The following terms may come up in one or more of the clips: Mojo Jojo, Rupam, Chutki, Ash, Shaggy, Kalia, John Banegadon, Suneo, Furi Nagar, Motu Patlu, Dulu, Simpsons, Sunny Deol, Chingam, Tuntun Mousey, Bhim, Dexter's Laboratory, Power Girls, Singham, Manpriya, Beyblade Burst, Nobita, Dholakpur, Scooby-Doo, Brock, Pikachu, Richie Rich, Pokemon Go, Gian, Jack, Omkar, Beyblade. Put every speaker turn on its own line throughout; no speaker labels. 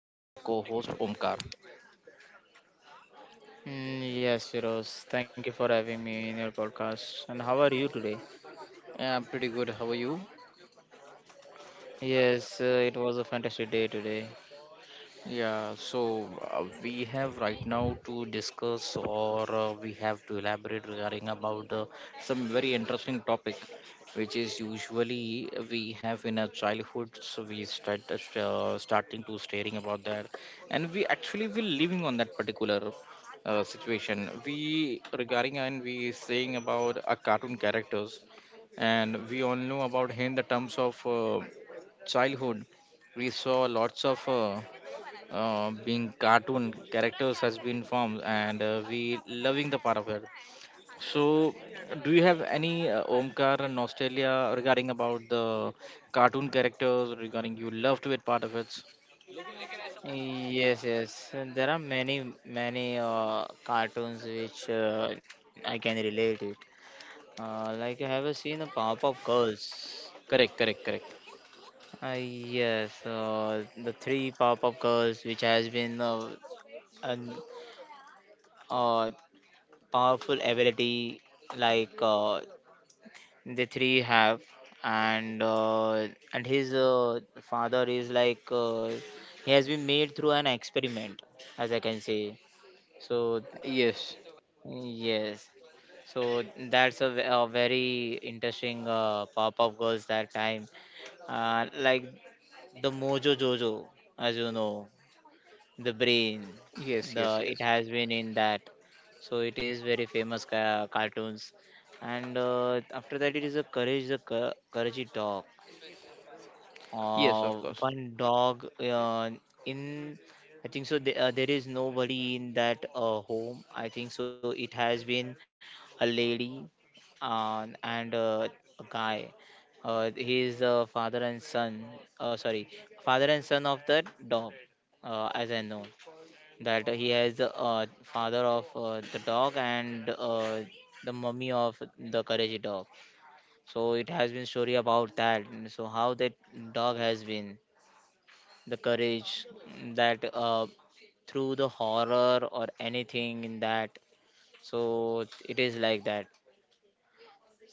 with my co-host Omkar.
Yes, Firoz. Thank you for having me in your podcast. And how are you today?
Yeah, I'm pretty good. How are you?
Yes, it was a fantastic day today.
Yeah, so we have right now to discuss or we have to elaborate regarding about some very interesting topic, which is usually we have in our childhood. So we start starting to staring about that, and we actually we living on that particular situation. We regarding and we saying about our cartoon characters, and we all know about him in the terms of childhood. We saw lots of. Being cartoon characters has been formed and we loving the part of it. So do you have any Omkar and nostalgia regarding about the cartoon characters regarding you loved it part of it?
Yes, yes. And there are many cartoons which I can relate it. Like I have seen a Powerpuff Girls.
Correct, correct, correct.
Yes, the three Powerpuff Girls which has been an uh, powerful ability like they three have, and his father is like he has been made through an experiment, as I can say. So
Yes,
yes, so that's a, a very interesting pop of girls that time, like the Mojo Jojo, as you know, the brain,
yes, yes,
the it
yes,
has been in that. So it is very famous cartoons, and after that it is a courage the courage dog,
yes. Of course,
one dog, in I think so the, there is nobody in that home. I think so it has been a lady, and a guy, his father and son, sorry, father and son of that dog, as I know that he has the father of the dog, and the mummy of the courage dog. So it has been story about that, and so how that dog has been the courage, that through the horror or anything in that. So it is like that.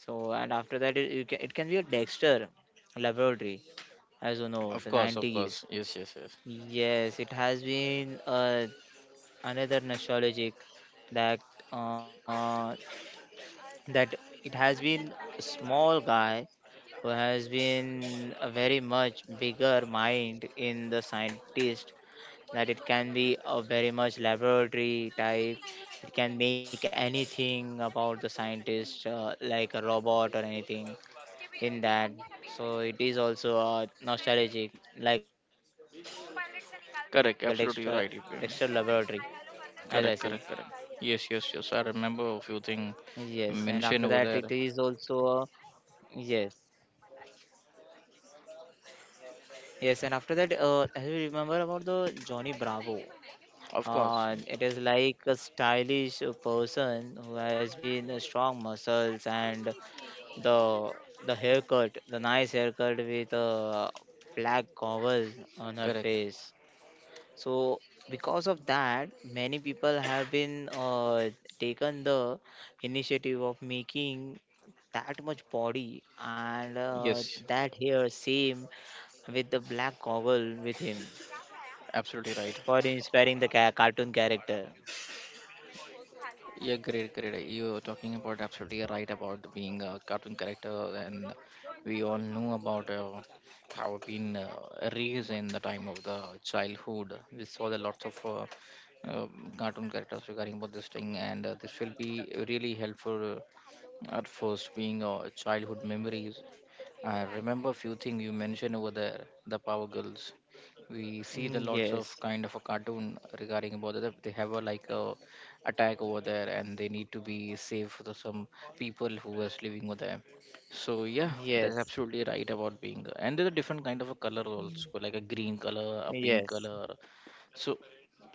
So and after that it, you can, it can be a Dexter laboratory, as you know,
of
the
course, of
90s.
course, yes, yes, yes.
Yes, it has been another nostalgic, that uh, that it has been a small guy who has been a very much bigger mind in the scientist, that it can be a very much laboratory type. It can make anything about the scientist, like a robot or anything in that. So it is also nostalgic, like a Dexter, Dexter laboratory,
Correct. Absolutely, you're
as I
right. You
say.
correct, correct, correct, yes, yes, yes, I remember
Yes,
a
and
few
after
things
that it is
mentioned over
also,
there.
uh, yes. Yes, and after that, have you remember about the Johnny Bravo?
Of course,
And it is like a stylish person who has been strong muscles, and the the haircut, the nice haircut with a black cowl on her
correct.
face. So because of that, many people have been taken the initiative of making that much body, and
Yes,
that hair same, with the black cowl with him,
absolutely right.
for inspiring the cartoon character.
Yeah, great, great. You're talking about absolutely right about being a cartoon character, and we all know about how been raised in the time of the childhood. We saw the lots of uh, cartoon characters regarding about this thing, and this will be really helpful at first being childhood memories. I remember few things you mentioned over there, the Power Girls. We see the lots
Yes.
of kind of a cartoon regarding about that. They have a like a attack over there, and they need to be saved for the, some people who was living over there. So yeah, that's
Yes,
absolutely right about being. And there's a different kind of a color also, like a green color, a pink
yes,
color. So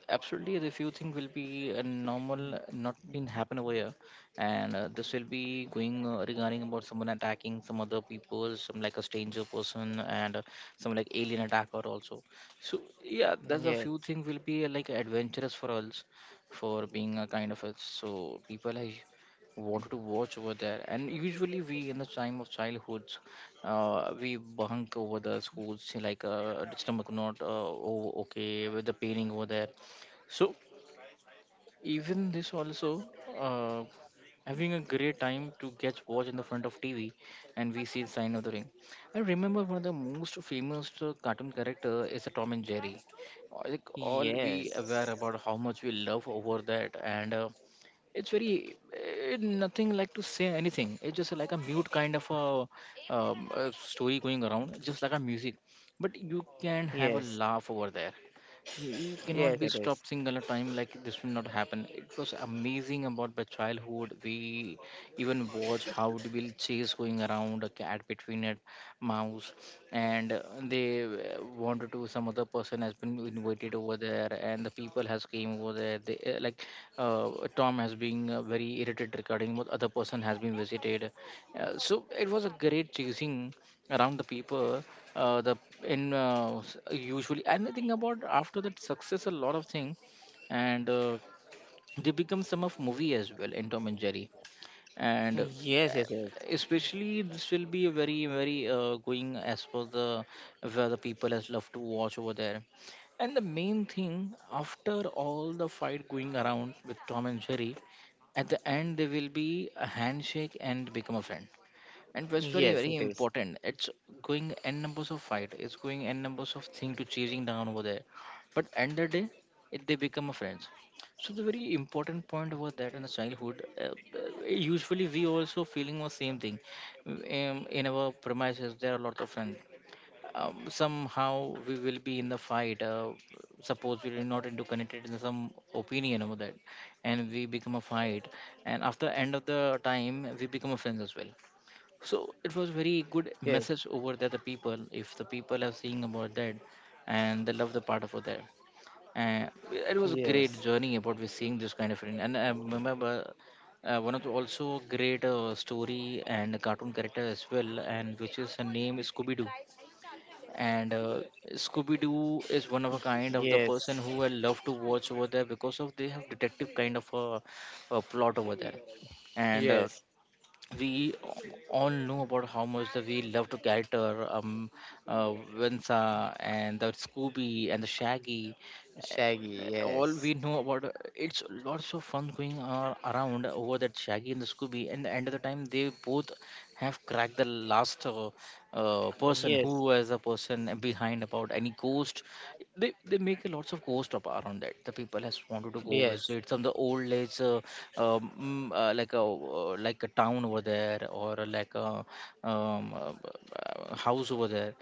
absolutely the few thing will be a normal not been happen over here and this will be going regarding about someone attacking some other people, some like a stranger person, and some like alien attacker also. So yeah, there's a few
yes,
thing will be like adventurous for us, for being a kind of a so people I wanted to watch over there. And usually we in the time of childhoods we bunk over the schools, say like stomach not oh, okay with the pairing over there. So even this also uh, having a great time to get watch in the front of TV, and we see the sign of the ring. I remember one of the most famous cartoon character is a Tom and Jerry. Like all we aware about
yes,
how much we love over that, and it's very eh, nothing like to say anything, it's just like a mute kind of a story going around just like a music, but you can have a
yes,
laugh over there. You cannot
yes,
be
it is.
stopped single a time, like this will not happen. It was amazing about my childhood. We even watch how the will chase going around a cat between a mouse, and they wanted to some other person has been invited over there, and the people has came over there. They like uh, Tom has been very irritated regarding what other person has been visited. So it was a great chasing around the people uh, the usually. And the thing about after that success a lot of thing, and they become some of movie as well in Tom and Jerry. And
Yes, it is.
Especially this will be a very very going as per the where the people has love to watch over there. And the main thing, after all the fight going around with Tom and Jerry, at the end they will be a handshake and become a friend. And was very very
Yes, it is.
important. It's going n numbers of fight, it's going n numbers of thing to chasing down over there, but end the day it, they become a friends. So the very important point was that in the childhood, usually we also feeling the same thing. In our premises there are a lot of friends. Somehow we will be in the fight, suppose we are not into connected in some opinion over that, and we become a fight, and after end of the time we become a friends as well. So it was very good
Yes,
message over there, the people, if the people are seeing about that and they love the part over there. And it was a great
yes,
journey about we seeing this kind of thing. And I remember one of the also great story and cartoon character as well, and which is a name is Scooby-Doo. And Scooby-Doo is one of a kind of the person who
yes,
I love to watch over there because of they have detective kind of a plot over there. And
yes.
we all know about how much that we love to character. Uh, Vinsa and the Scooby and the Shaggy,
Shaggy,
all we
Yes,
know about it's lots of fun going around over that, Shaggy and the Scooby. And the end of the time they both have cracked the last person who
yes, yes,
was the person behind about any ghost. They make a lots of ghost up around that. The people has wanted to go visit
yes,
some of the old age like a town over there, or like a um, uh, house over there.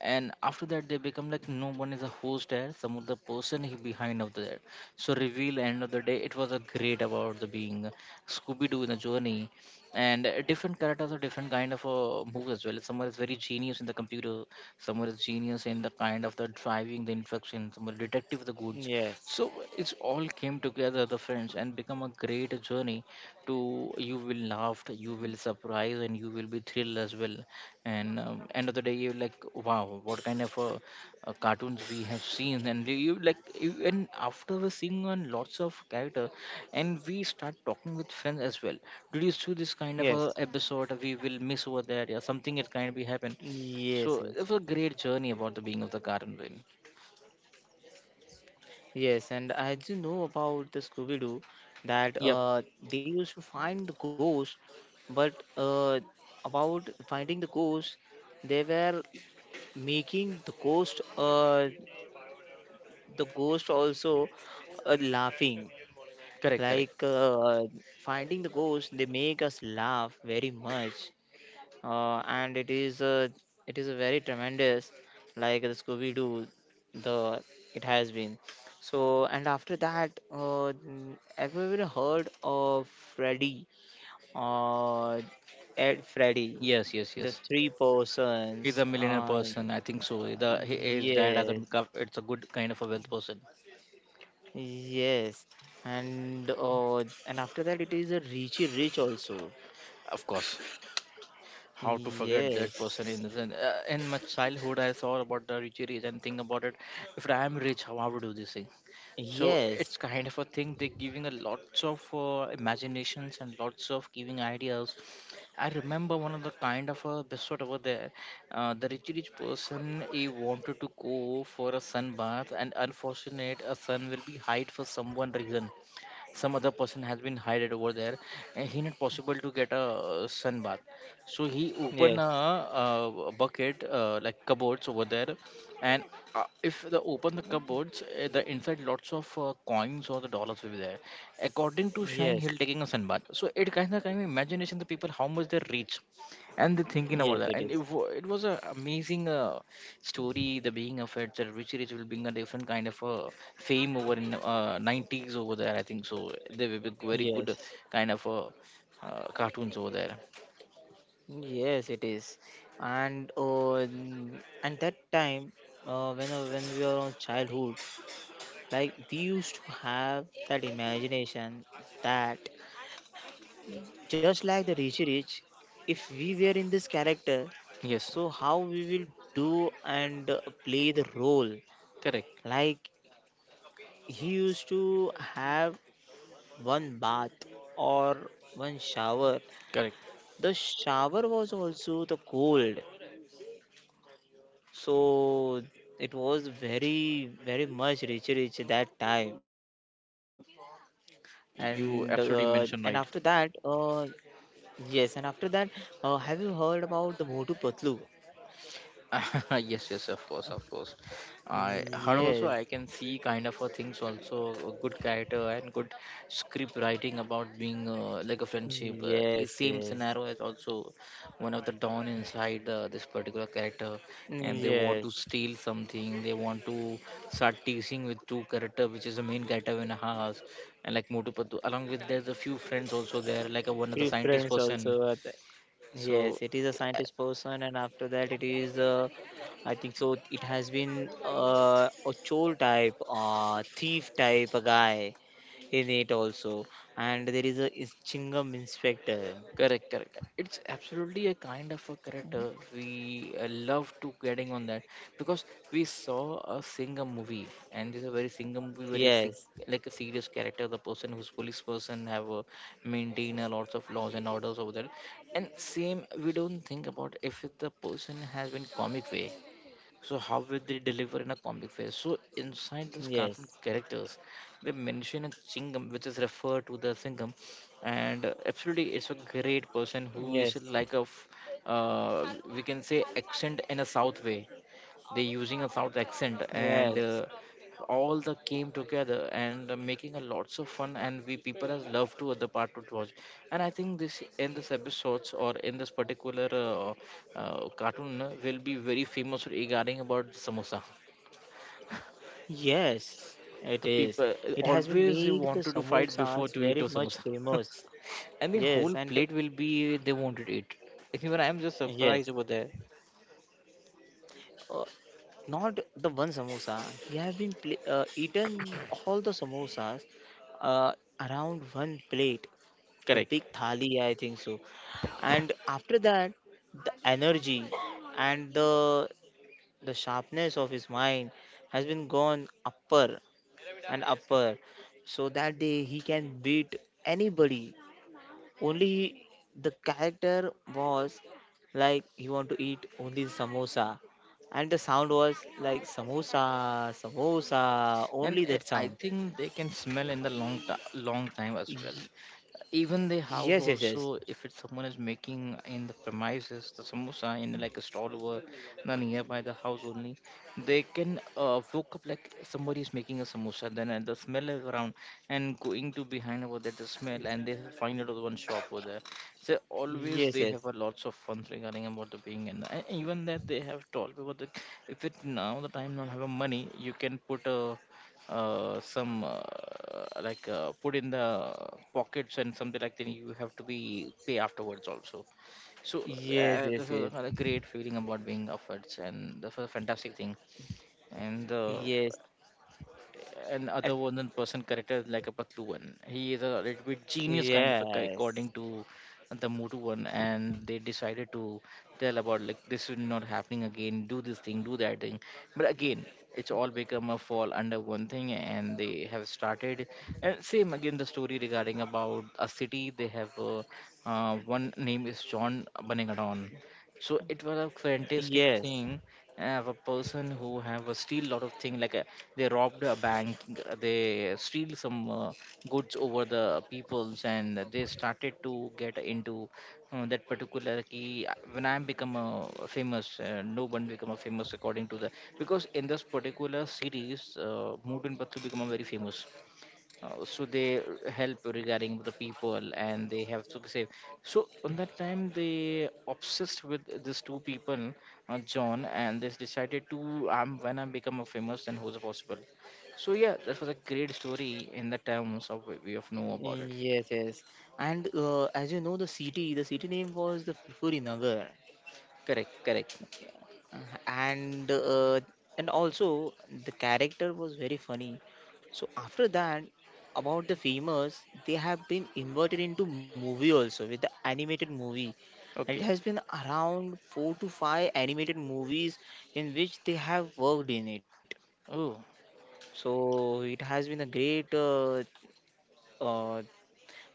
And after that they become like no one is a host there, some of the person he behind of there. So reveal end of the day it was a great about the being Scooby-Doo in a journey. And different characters are different kind of a move as well. Someone is very genius in the computer, someone is genius in the kind of the driving the infection, someone detective of the goods.
yes,
So it's all came together, the friends, and become a great journey. To you will laugh, you will surprise, and you will be thrilled as well. And end of the day you're like wow, what kind of cartoons we have seen. And you like you, and after we're seeing on lots of character and we start talking with friends as well. Did you see this kind of a
yes,
episode? We will miss over there, yeah, something it kind of be happen.
yes,
So it was a great journey about the being of the cartoon villain.
yes. And as you know about the Scooby-Doo, that
Yep.
they used to find the ghost, but about finding the ghost, they were making the ghost, the ghost also, laughing,
Correct, correct,
like finding the ghost, they make us laugh very much. And it is a very tremendous, like the scooby doo the it has been. So and after that, have you ever heard of Freddy, uh, ed Freddy,
yes, yes,
the
yes.
three persons,
He's a millionaire person, I think so, the hi- his dad as a
yes.
it's a good kind of a wealth person.
Yes, and uh, and after that it is a Richie Rich also.
Of course. How to forget that person in
Yes,
this? And in my childhood I saw about the Rich Rich and think about it, if I am rich how I would do this thing. So it's
yes,
kind of a thing, they're giving a lots of imaginations and lots of giving ideas. I remember one of the kind of a episode over there. The Rich Rich person, he wanted to go for a sunbath, and unfortunate a sun will be hide for someone reason, some other person has been hided over there, and he not possible to get a sun bath. So he open
yes,
a, bucket like cupboards over there, and if the open the cupboards, the inside lots of coins or the dollars will be there. According to shine,
yes,
he'll taking a sun bath. So it kind of imagination, the people how much they reach and the thinking about
yes,
that.
it
And it,
is.
wa- it was a amazing story, the being of it, that Richie Rich will bring a different kind of fame over in 90s over there. I think so. They will be very good
Yes,
kind of cartoons over there.
yes, it is. And and that time, when we were on childhood, like we used to have that imagination that, just like the Rishi Rich, if we were in this character,
Yes,
so how we will do, and play the role?
correct,
Like he used to have one bath or one shower.
correct.
The shower was also the cold, so it was very very much rich Rich that time. And
You absolutely mentioned right.
yes, and after that, have you heard about the Motu Patlu?
Yes, yes, of course, of course. I her
Yes,
also I can see kind of a things also, a good character and good script writing about being like a friendship.
yes,
Is same
yes,
scenario as also one of the dawn inside this particular character, and they want to
yes.
steal something. They want to start teasing with two character, which is the main character in a house, and like Motu Patu. Along with there's a few friends also there, like a, one of the
Three
scientist
friends also,
person.
are the-
So.
Yes, it is a scientist person, and after that, it is. I think so. It has been a chore type, thief type, a guy in it also, and there is a is Chingam inspector.
Correct, correct. It's absolutely a kind of a character we love to getting on that because we saw a singer movie, and this is a very singer movie very sig-
Yes,
like a serious character, the person who's police person have a maintain a lots of laws and orders over there. And same we don't think about if the person has been comic way, so how will they deliver in a comic phase? So inside these cartoon
yes,
characters, they mention a Chingam, which is referred to the Singham, and absolutely, it's a great person
yes,
who is like a, we can say accent in a South way, they using a south accent and
yes.
uh, all the came together and making a lots of fun, and we people has loved to other part to watch. And I think this in this episodes or in this particular cartoon will be very famous regarding about samosa.
Yes, it
The
is.
people
It has been
always
made the
wanted to fight before
samosas
to eat
very
a
much
samosa.
famous.
And the
Yes,
whole
and
plate will be they wanted to eat. Even I am just surprised
yes,
over there.
uh, not the one samosa. He has been eaten all the samosas, uh, around one plate, the
Correct.
big thali, I think so. And after that, the energy and the sharpness of his mind has been gone upper and upper, so that day he can beat anybody. Only the character was like he want to eat only samosa, and the sound was like samosa, samosa,
And
only that
I
sound.
think they can smell in the long time as well.
Y-
Even the
yes, yes,
house
yes,
also, if it's someone is making in the premises the samosa in like a stall over the nearby the house only, they can woke up like somebody is making a samosa, then the smell is around and going to behind over there the smell, and they find another one shop over there. So always
yes,
they have
yes,
a lots of fun regarding about the being, and even that they have told about the if it now the time not have a money, you can put a some like put in the pockets and something like that. You have to be pay afterwards also. So
yes,
this
yes,
was a
yes,
kind of great feeling about being offered, and this was a fantastic thing. and uh,
yes.
and
At-
other one than person character is like a patlu one. He is a little bit genius kind of a guy
yes,
according to the Mutu one, and they decided to tell about like this is not happening again, do this thing, do that thing. But again it's all become a fall under one thing, and they have started. And same again the story regarding about a city they have one name is john Banegadon. So it was a fantastic
yes,
thing. Have a person who have a steal lot of thing, like they robbed a bank, they steal some goods over the peoples, and they started to get into that particular key. When I become a famous, no one become a famous according to the, because in this particular series, Mood and Patu become a very famous. So they help regarding the people, and they have to be safe. So on that time they obsessed with these two people, john, and they decided to when I become a famous, then who's possible. So yeah, that was a great story in the terms of we have know about it.
yes, yes. And as you know, the city name was the Furi Nagar.
Correct, correct.
Mhm. And and also the character was very funny. So after that, about the famous, they have been inverted into movie also, with the animated movie, and it has
Okay.
been around four to five animated movies in which they have worked in it.
Oh,
So it has been a great, uh,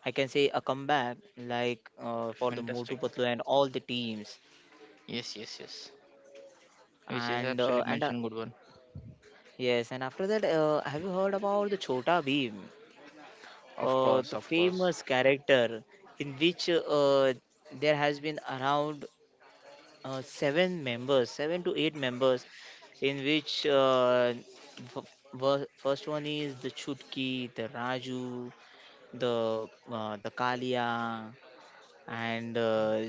I can say a comeback, like for the Motu
fantastic.
Patlu and all the teams.
Yes, yes, yes, which is
And
absolutely mentioned good one.
yes, and after that, have you heard about the Chota Bheem,
Of course,
the
of course.
famous character, in which there has been around seven to eight members, in which f- first one is the Chutki, the Raju, the Kalia, and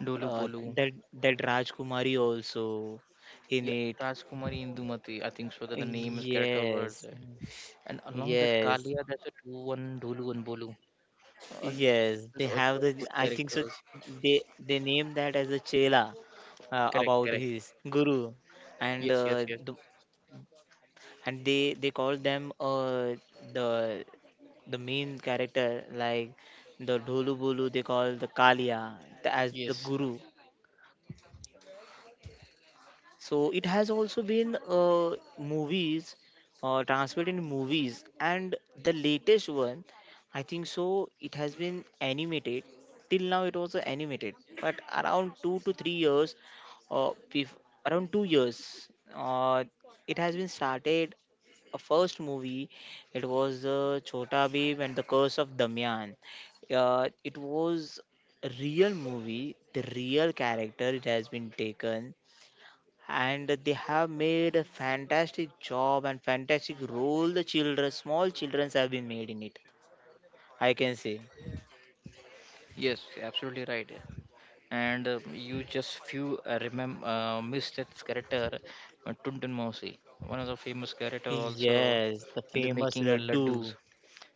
Dolu
uh,
bolu.
that that Rajkumari also in
Yeah,
it.
rajkumari indumati, I think so that the name is character over
Yes,
there. And along that
yes.
Kalia, there's a two one Dulu and Bolu. Uh,
Yes, they
there's also
have the,
good
I think so.
characters.
They named that as a chela, about
Correct, correct.
his guru, and
Yes, yes, yes,
they call them, the the main character like the Dholu Bolu. They call the Kalia as the
yes,
guru. So it has also been movies, transferred in movies, and the latest one, I think so, it has been animated. Till now, it was animated, but around 2 to 3 years, uh, bef- around 2 years, uh, it has been started. A first movie, it was Chota Bheem and the Curse of Damyan. It was a real movie. The real character it has been taken, and they have made a fantastic job and fantastic role. The children, small childrens have been made in it, I can say.
yes. Absolutely right. And you just few remember miss that character, Tuntun Mousey, one of the famous character also
Yes, the
in the
famous
making of
laddu.
laddus.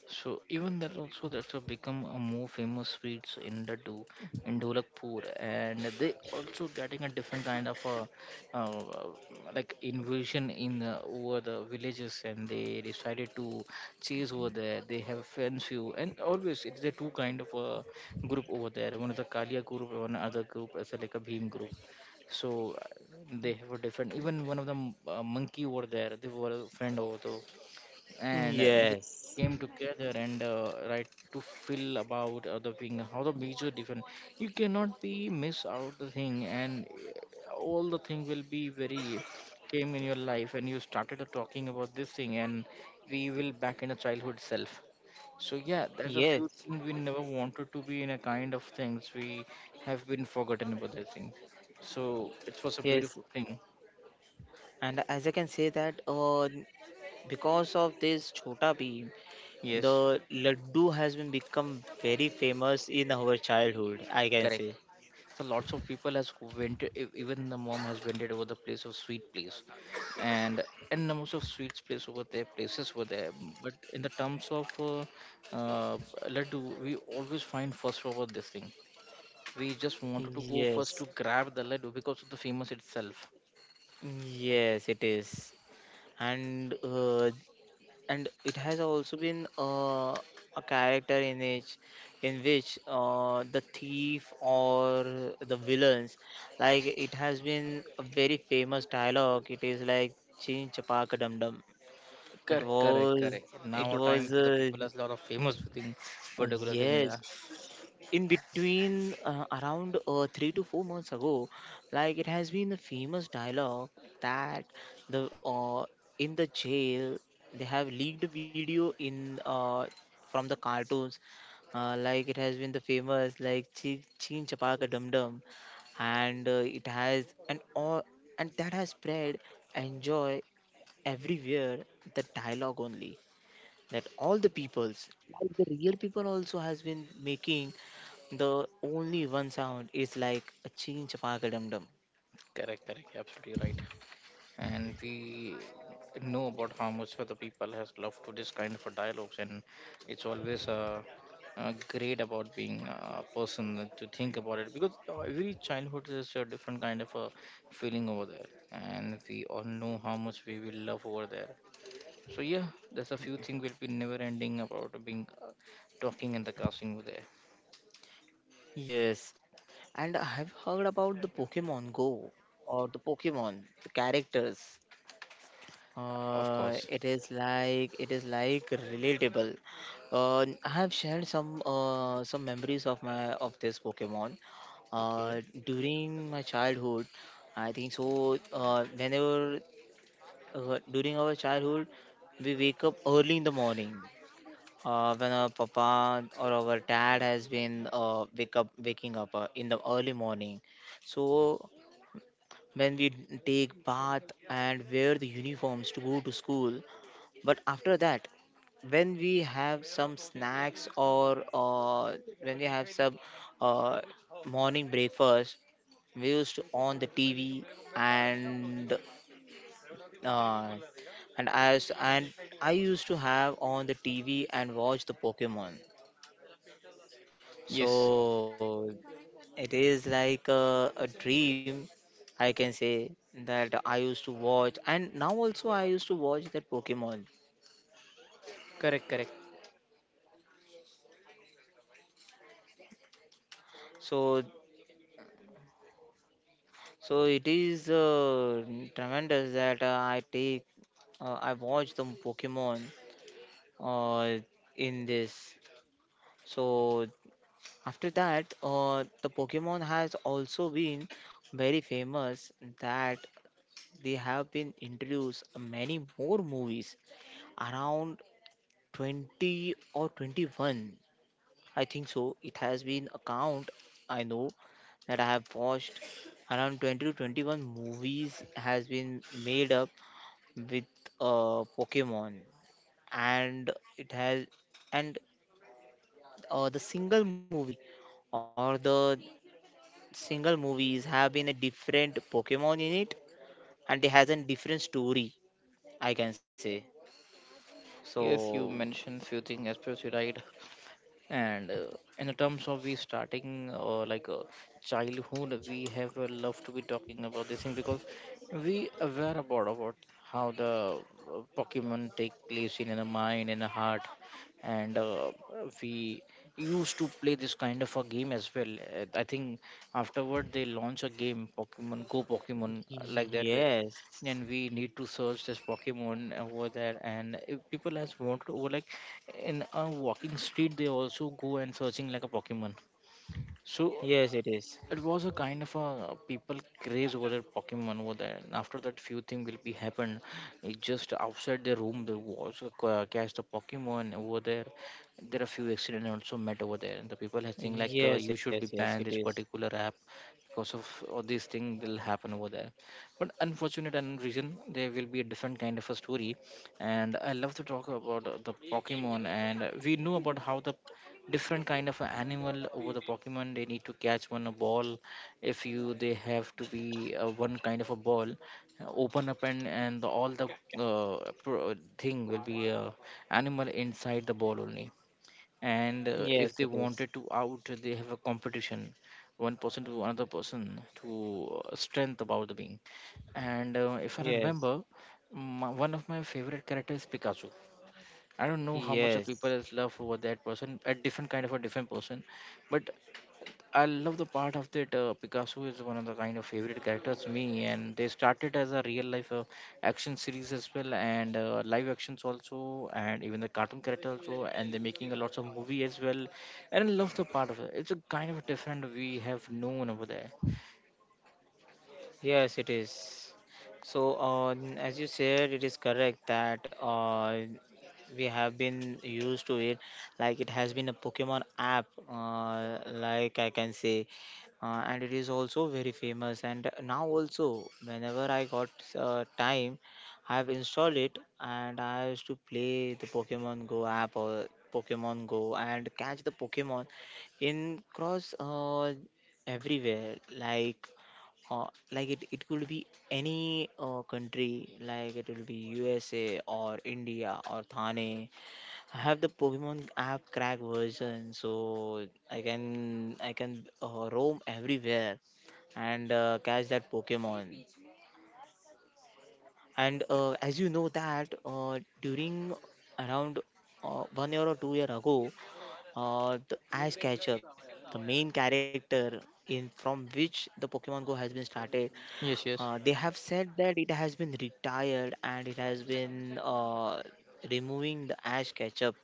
So even that also that's have become a more famous sweets in the do in Dholakpur, and they also getting a different kind of a uh, like invasion in over the villages, and they decided to chase over there. They have friends few, and always it's the two kind of a group over there. One is a Kalia group, and one other group is like a Bhim group. So they have a different. Even one of the monkey over there, they were a friend over, and they
Yes,
came together and right to feel about other thing how the major different. You cannot be miss out the thing, and all the thing will be very came in your life, and you started talking about this thing, and we will back in a childhood self. So yeah, there's a few
yes,
things we never wanted to be in a kind of things we have been forgotten about that thing. So it was a
yes.
beautiful thing.
And as I can say that, because of this Chota Bheem, the
Yes.
laddu has been become very famous in our childhood, I can
Correct.
say.
So lots of people has vented, even the mom has vented over the place of sweet place, and and the most of sweets place over there, places over there. But in the terms of uh, laddu, we always find first over this thing. We just wanted to go first
Yes.
to grab the laddu because of the famous itself.
Mm, yes, it is. And uh, and it has also been a character in which, in which the thief or the villains, like it has been a very famous dialogue. It is like chin chapaka dum dum. it
Correct, correct,
was
correct. Now
it
our
was
time
uh,
the people has a lot of famous thing, particular thing. Yeah,
yes, in between, around 3 to 4 months ago, like it has been the famous dialogue that, the in the jail, they have leaked a video in, from the cartoons, like it has been the famous like Cheen Chapaka Dum Dum, and it has, and all, and that has spread enjoy everywhere, the dialogue only, that all the peoples, like the real people also has been making, the only one sound is like a chin chapaka dum dum.
correct, correct. Absolutely right. And we know about how much other people has loved to this kind of a dialogues, and it's always great about being a person that to think about it, because every childhood is a different kind of a feeling over there, and we all know how much we will love over there. So yeah, there's a few things will be never ending about being talking and the casting over there.
Yes, and I have heard about the Pokemon Go, or the Pokemon, the characters.
Of course.
It is like, it is like relatable. I have shared some memories of my of this Pokemon.
Okay.
Uh, during my childhood, I think so. Whenever During our childhood, we wake up early in the morning. When our papa or our dad has been waking up in the early morning. So when we take bath and wear the uniforms to go to school, but after that, when we have some snacks, or when we have some uh, morning breakfast, we used to on the TV, and uh, and as and I used to have on the TV and watch the Pokemon.
Yes,
So it is like a dream, I can say, that I used to watch, and now also I used to watch that Pokemon.
correct, correct.
So so it is tremendous, that I watch the Pokemon uh, in this. So after that, the Pokemon has also been very famous, that they have been introduced many more movies, around 20 or 21, I think so. It has been a count. I know that I have watched around 20 to 21 movies has been made up with Pokemon, and it has, and the single movie or the single movies have been a different Pokemon in it, and it has a different story, I can say
Yes,
so.
you mentioned few things especially right. And in the terms of we starting like childhood we have love to be talking about this thing, because we aware about how the pokemon take place in the mind and the heart, and we used to play this kind of a game as well. I think afterward they launch a game pokemon go, pokemon like that way.
Yes,
And we need to search this Pokemon over there. And if people has walked over like in a walking street, they also go and searching like a Pokemon. So
yes, it is.
it was a kind of a people craze over that Pokemon over there. And after that, few thing will be happened. It just outside the room, there was a cast a Pokemon over there. There are few accidents also met over there, and the people are saying like,
Yes,
you
yes,
should be
yes, it
banned this
is.
particular app because of all these things will happen over there. But unfortunate and reason there will be a different kind of a story. And I love to talk about the Pokemon, and we know about how the different kind of a animal over the pokemon, they need to catch one a ball. If you they have to be one kind of a ball open up, and the, all the thing will be a animal inside the ball only. And if they
Yes, it
wanted
is.
to out, they have a competition one person to another person to strength about the being. And if I
Yes,
remember, m one of my favorite characters is pikachu. I don't know how much of people
yes,
is love over that person, a different kind of a different person, but I love the part of that Picasso is one of the kind of favorite characters me, and they started as a real life action series as well, and live actions also, and even the cartoon character also, and they're making a lots of movie as well, and I love the part of it. It's a kind of different we have known over there.
yes, it is. So, as you said, it is correct that we have been used to it, like it has been a pokemon app, like I can say. And it is also very famous, and now also whenever I got time, I have installed it and I used to play the pokemon go app or pokemon go and catch the pokemon in cross, everywhere. Like uh, like it could be any country, like it will be USA or India or Thane. I have the pokemon app crack version, so I can roam everywhere and catch that pokemon. And as you know that during around 1 year or 2 year ago, the ash Ketchum, the main character in from which the pokemon go has been started,
Yes, yes,
they have said that it has been retired and it has been removing the ash ketchup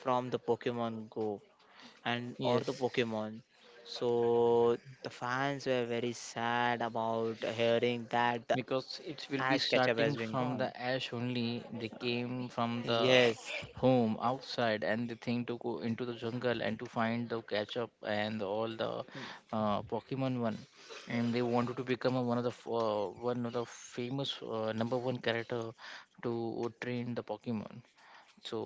from the pokemon go, and or the
yes,
pokemon. So the fans were very sad about hearing that the
because it will be
ash ketchup
starting
has been
from the
gone.
ash only. They came from the
Yes,
home outside, and they think to go into the jungle and to find the catch up and all the pokemon one, and they wanted to become a, one of the one of the famous number 1 character to train the pokemon. So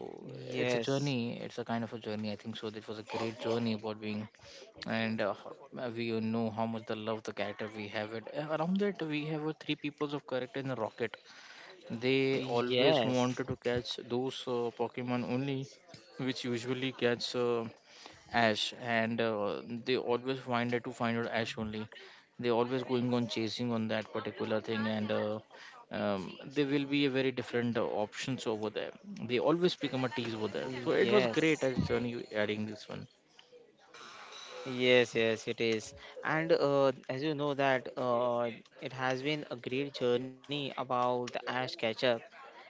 it's a
yes,
journey, it's a kind of a journey, I think so this was a great journey about being. And we all know how much the love the character we have it. Around that we have three peoples of character in the rocket. They always wanted
yes,
to catch those pokemon only, which usually catch Ash, and they always find it to find out Ash only. They always going on chasing on that particular thing, and there will be a very different options over there. They always become a tease over there. So it was
yes,
great as when you adding this one.
yes, yes, it is. And as you know that it has been a great journey about the Ash Ketchum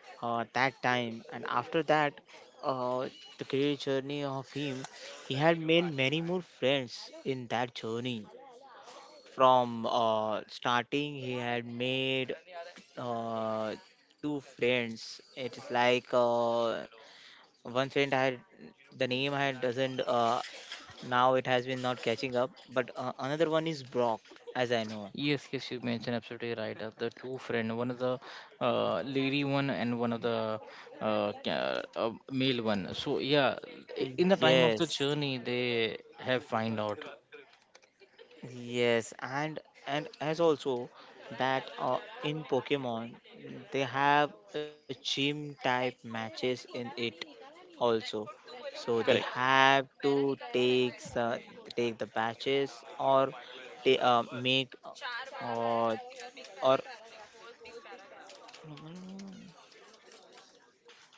that time, and after that uh, the career journey of him, he had made many more friends in that journey. From starting, he had made uh, two friends. It's like one friend had the name had doesn't, now it has been not catching up, but another one is Brock, as I know.
Yes, yes, you mentioned absolutely right. The two friend, one of the lady one, and one of the male one. So yeah, in the time of the
Yes,
journey, they have find out.
yes, and as also that in Pokemon, they have a gym type matches in it also. So they
Correct.
have to take the batches or they make, or or,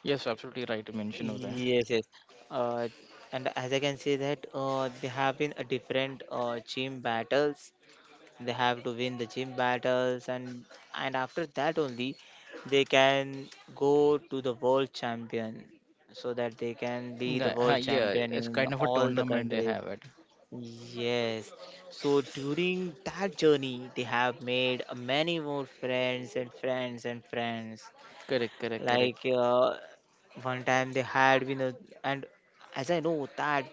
Yes, absolutely right to mention over there.
yes, yes, uh, and as I can say that there have been a different gym battles. They have to win the gym battles, and after that only they can go to the world champion, so that they can be the world
Yeah,
champion
it's
in
kind of a
all the
tournament they
countries.
have it.
Yes. So during that journey, they have made many more friends and friends and friends,
Correct, correct, correct.
like one time they had been a, and as I know that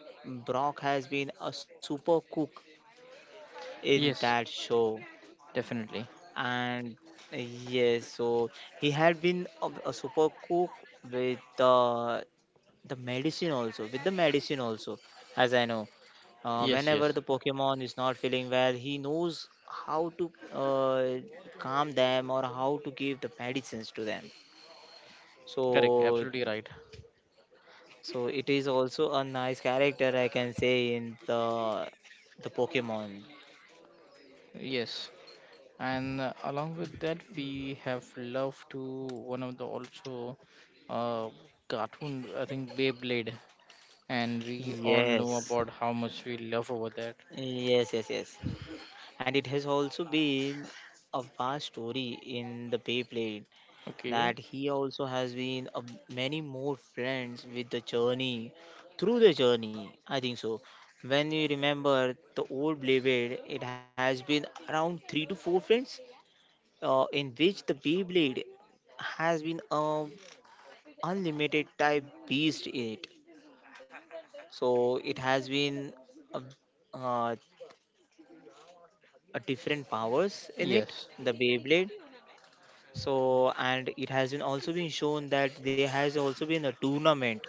Brock has been a super cook in that
Yes,
show.
definitely.
And yes, so he had been a super cook with the medicine, also with the medicine also, as I know.
Yes,
Whenever
yes.
the pokemon is not feeling well, he knows how to calm them or how to give the medicines to them.
Correct,
So,
absolutely right.
so it is also a nice character, I can say, in the pokemon.
Yes. And along with that, we have love to one of the also uh, cartoon, I think Beyblade. And we all know
Yes,
about how much we love over that.
yes, yes, yes, and it has also been a vast story in the Beyblade,
Okay.
that he also has been a, many more friends with the journey through the journey, I think so. When you remember the old Beyblade, it has been around three to four friends, in which the Beyblade has been a unlimited type beast in it. So it has been a, uh, a different powers in it,
Yes.
the Beyblade. So, and it has been also been shown that there has also been a tournament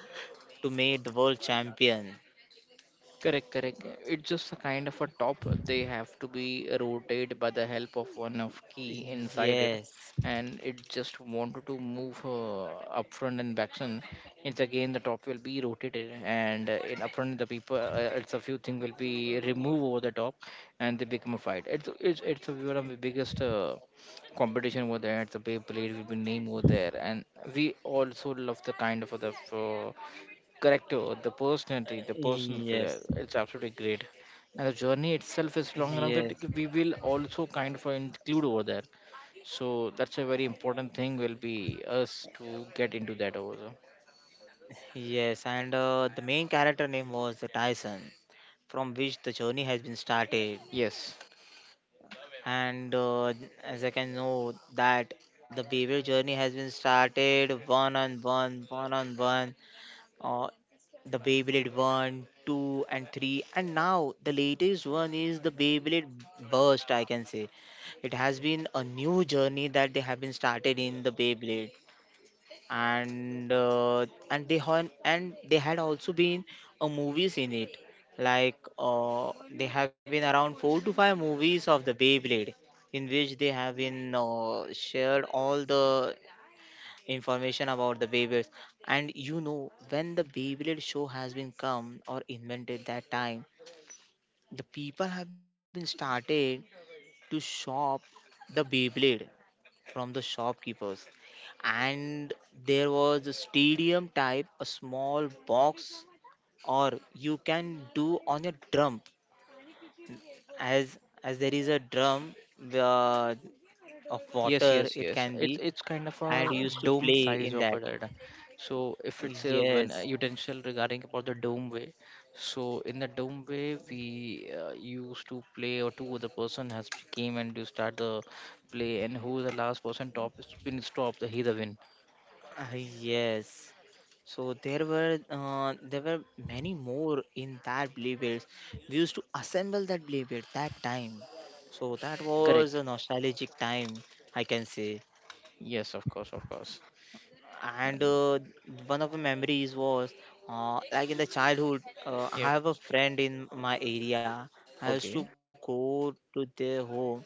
to make the world champion.
Correct, correct. It's just a kind of a top. They have to be rotated by the help of one of key inside it,
Yes.
and it just wanted to move up front and back front. It's again the top will be rotated, and in up front the people, it's a few thing will be removed over the top, and they become a fight. It's one of the biggest competition over there. It's a Beyblade will be name over there, and we also love the kind of other. Correcto, the personality, the person, for that,
Yes,
it's absolutely great. And the journey itself is long enough
yes,
that we will also kind of include over there. So that's a very important thing will be us to get into that over there.
yes. And the main character name was the Tyson, from which the journey has been started.
Yes.
And as I can know that the beaver journey has been started one on one, uh, the Beyblade 1, 2, and 3, and now the latest one is the Beyblade Burst, I can say. It has been a new journey that they have been started in the Beyblade. And and they had also been a movies in it, like they have been around four to five movies of the Beyblade, in which they have been shared all the information about the Beyblades. And you know, when the Beyblade show has been come or invented that time, the people have been started to shop the Beyblade from the shopkeepers. And there was a stadium type, a small box, or you can do on your drum, as as there is a drum uh, of
Yes,
water
yes,
it
yes.
can be,
It's kind of
and you
a
used to
dome
play
size
in
of
that.
it. So if it's a when a
Yes.
utensil regarding about the dome way, so in the dome way we used to play, or two other person has came and you start the play, and who is the last person top spin stop the he the win.
Yes. So there were many more in that Bluebirds. We used to assemble that Bluebird that time. So that was
Correct.
a nostalgic time, I can say.
Yes, of course, of course.
And
And,
one of the memories was like in the childhood, I
yep.
have a friend in my area. I
Okay.
used to go to their home,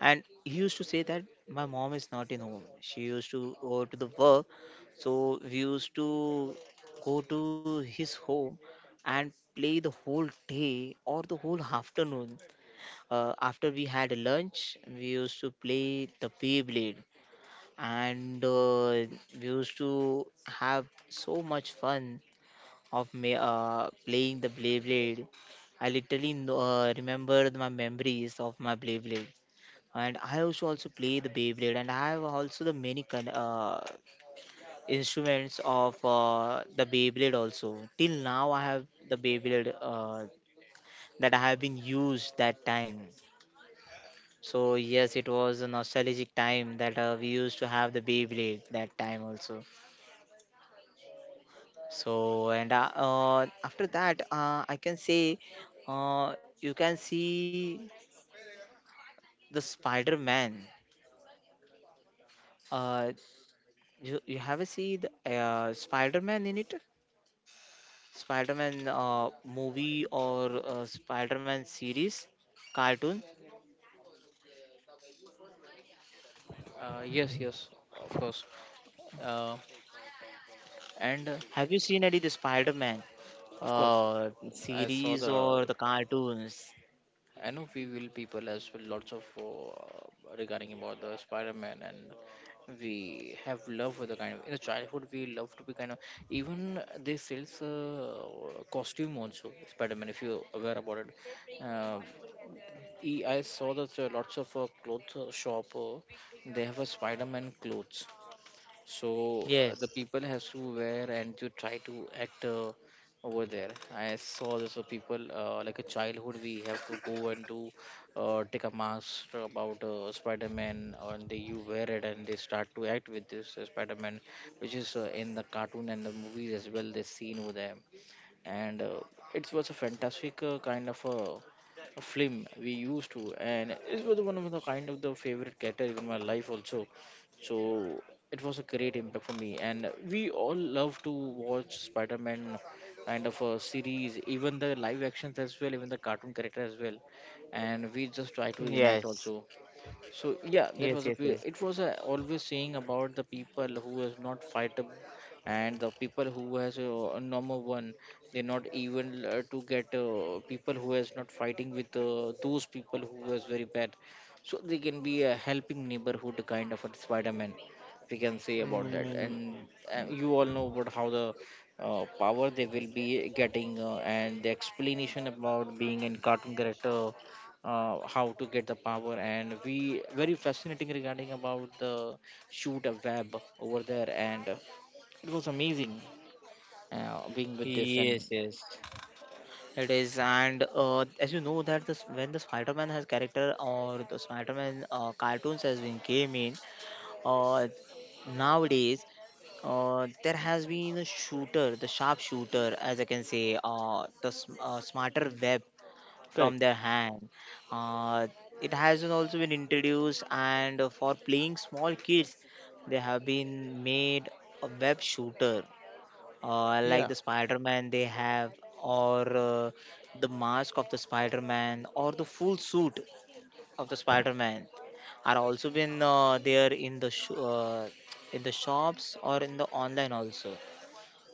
and he used to say that my mom is not in home, she used to go to the work. So we used to go to his home and play the whole day or the whole afternoon. After we had lunch, we used to play the beyblade, and we used to have so much fun of playing the beyblade. I literally know, remember my memories of my beyblade, and I also play the Beyblade, and I have also the many instruments of the Beyblade also. Till now, I have the Beyblade that I have been used that time. So yes, it was a nostalgic time that we used to have the Beyblade that time also. So and after that, I can say you can see the Spider-Man. Uh, you have a see the Spider-Man in it? Spider-Man movie or Spider-Man series, cartoon.
Yes, yes, of course. Uh, and
Have you seen any the Spider-Man
of course, I saw
series
the,
or the cartoons?
I know we will people as well, lots of regarding about the Spider-Man, and we have love for the kind of, in the childhood we love to be kind of, even they sells costume also Spider-Man, if you aware about it. I saw that lots of clothes shop they have a Spider-Man clothes, so the
Yes,
people has to wear and to try to act over there. I saw this people like a childhood, we have to go and to take a mask about Spider-Man, and they you wear it and they start to act with this Spider-Man, which is in the cartoon and the movies as well they seen over there. And it was a fantastic kind of a film we used to, and it was one of the kind of the favorite category in my life also. So it was a great impact for me, and we all love to watch Spider-Man kind of a series, even the live actions as well, even the cartoon character as well, and we just try to enact
yes,
also. So yeah, that
yes,
was a
yes, yes.
it was a always saying about the people who is not fightable, and the people who has a normal one, they're not even to get people who is not fighting with those people who is very bad. So they can be a helping neighborhood kind of a Spider-Man, we can say about that.
Mm,
And you all know about how the power they will be getting and the explanation about being in cartoon character, how to get the power, and we very fascinating regarding about the shoot a web over there. And it was amazing being with this. And
yes, yes, it is. And as you know that, this when the Spider-Man has character or the Spider-Man cartoons has been came in, uh, nowadays, there has been a shooter, the sharp shooter, as I can say, smarter web from their
correct,
hand. Uh, it has been also been introduced, and for playing small kids, they have been made a web shooter, like
yeah,
the Spider-Man they have, or the mask of the Spider-Man, or the full suit of the Spider-Man are also been there in in the shops or in the online also.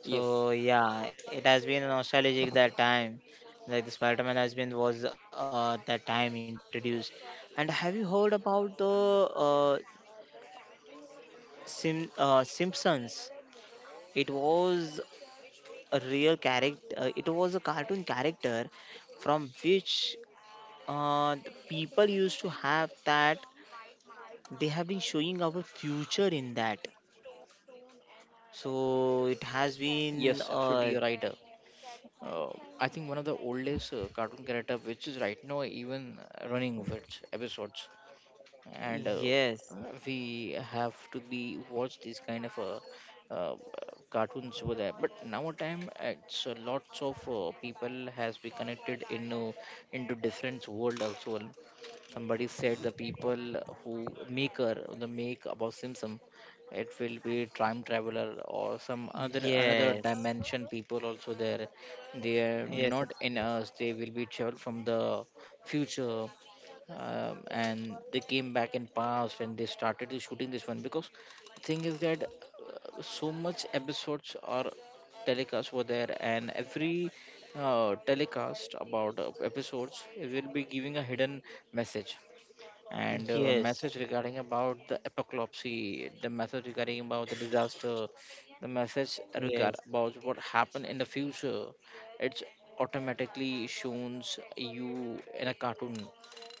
yes,
So yeah, it has been nostalgic that time. Like the Spider-Man has been was that time introduced. And have you heard about the uh, Simpsons? It was a real character. It was a cartoon character from which the people used to have that they have been showing our future in that. So it has
yes,
been
absolutely you're right. Uh, I think one of the oldest cartoon character, which is right now even running with episodes. And
yes,
we have to be watch this kind of cartoons over there, but now time it's lots of people has been connected into different world also. Well, somebody said the people who maker the make about Simpson, it will be time traveler or some other another
yes,
dimension people also there. They are
yes,
not in us, they will be travel from the future. And they came back in past and they started the shooting this one, because thing is that so much episodes or telecast were there, and every telecast about episodes will be giving a hidden message. And
yes,
message regarding about the apocalypse, the message regarding about the disaster, the message regard
yes,
about what happened in the future. It's automatically shown you in a cartoon,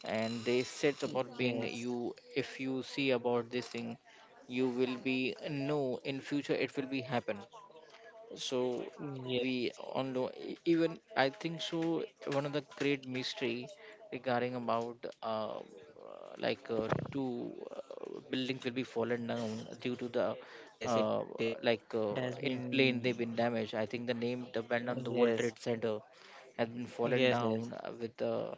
and they said about being
yes,
you. If you see about this thing, you will be know in future it will be happen. So
yes,
we all know, even I think so, one of the great mystery regarding about uh, like two buildings will be fallen down due to the
yes, yes, it
uh,
is.
like
It has
in plane
been.
they've been damaged, I think the name the band on the World
Yes,
Trade Center has been fallen
yes, yes,
down with the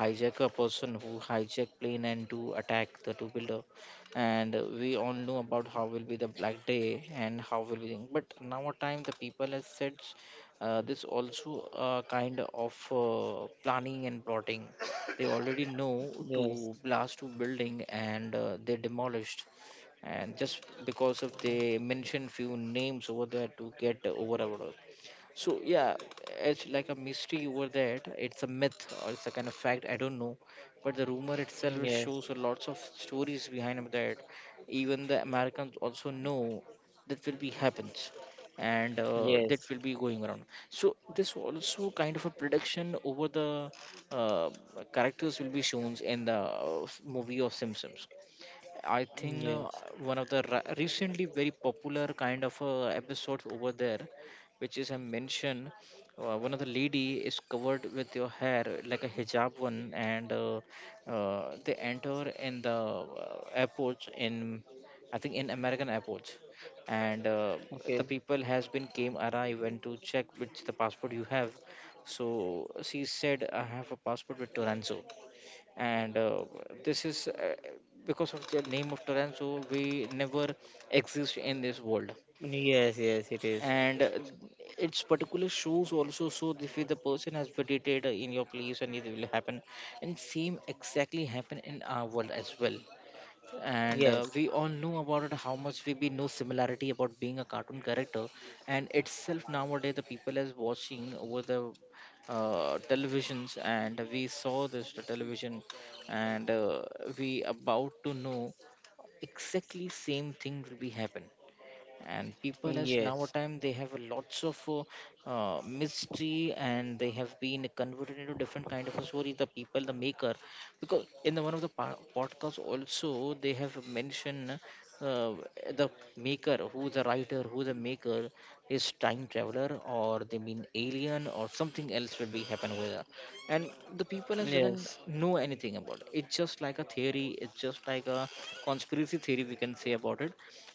hijacker person who hijacked plane and to attack the two builder. And we all know about how will be the black day and how will be, but now a time the people has said this also a kind of planning and plotting, they already know to
yes,
blast to building and they demolished, and just because of they mention few names over there to get over. So yeah, it's like a mystery over that. It's a myth or it's a kind of fact, I don't know, but the rumor itself
yes,
shows lots of stories behind that. Even the Americans also know that will be happens, and that
yes,
will be going around. So this also kind of a prediction over the uh, characters will be shown in the movie of Simpsons. I think
yes,
one of the recently very popular kind of episodes over there, which is I mentioned, one of the lady is covered with your hair like a hijab one, and they enter in the airports in, I think in American airports, and the
okay,
people has been came arrive and to check which the passport you have. So she said, I have a passport with Toranzo, and this is because of the name of Taranzo, we never exist in this world.
yes, yes, it is.
And its particular shows also, so if the person has meditated in your place and it will happen, and same exactly happen in our world as well. And
Yes,
we all know about it how much we be no similarity about being a cartoon character. And itself nowadays the people is watching over the televisions, and we saw this the television. And we about to know exactly same thing will be happen, and people as now a
yes,
time they have a lots of mystery, and they have been converted into different kind of a story, the people the maker, because in the one of the podcasts also they have mentioned uh, the maker, who the writer, who the maker is time traveler, or they mean alien or something else will be happen with her. And the people has
yes,
doesn't know anything about it, it's just like a theory, it's just like a conspiracy theory, we can say about it.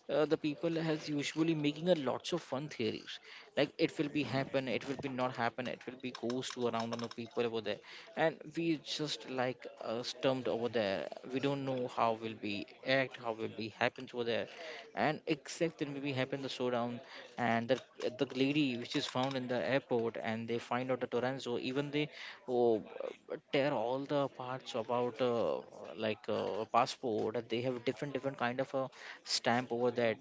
The people has usually making a lots of fun theories, like it will be happen, it will be not happen, it will be goes to around on the people over there, and we just like stumped over there. We don't know how will be act how will be happens over there. And except then maybe happen the showdown, and the lady which is found in the airport, and they find out the Toranzo, even they oh, tear all the parts about like a passport, and they have different different kind of a stamp over that.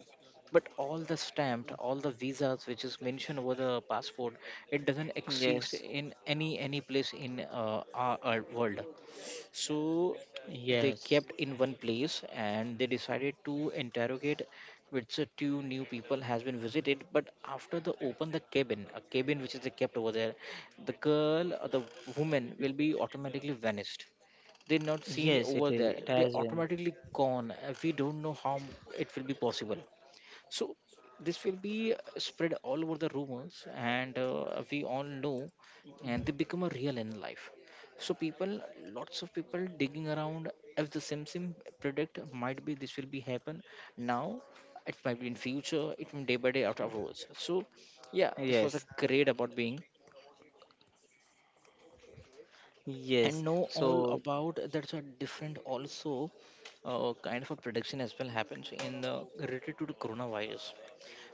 But all the stamped all the visas which is mentioned over the passport, it doesn't exist
yes,
in any place in our world. So they
yes.
kept in one place and they decided to interrogate which two new people has been visited. But after the open the cabin a cabin which is they kept over there, the girl or the woman will be automatically vanished. They're not seen
Yes, it
over
is. It
there,
has
they
been.
automatically gone, and we don't know how it will be possible. So this will be spread all over the rumors, and we all know, and they become a real in life. So people, lots of people digging around, if the sim predict might be this will be happen now, it might be in future, it may day by day after afterwards. So yeah, this was a
Yes,
great about being and
yes.
know all
So,
about that's a different also kind of a prediction as well happens in the related to the coronavirus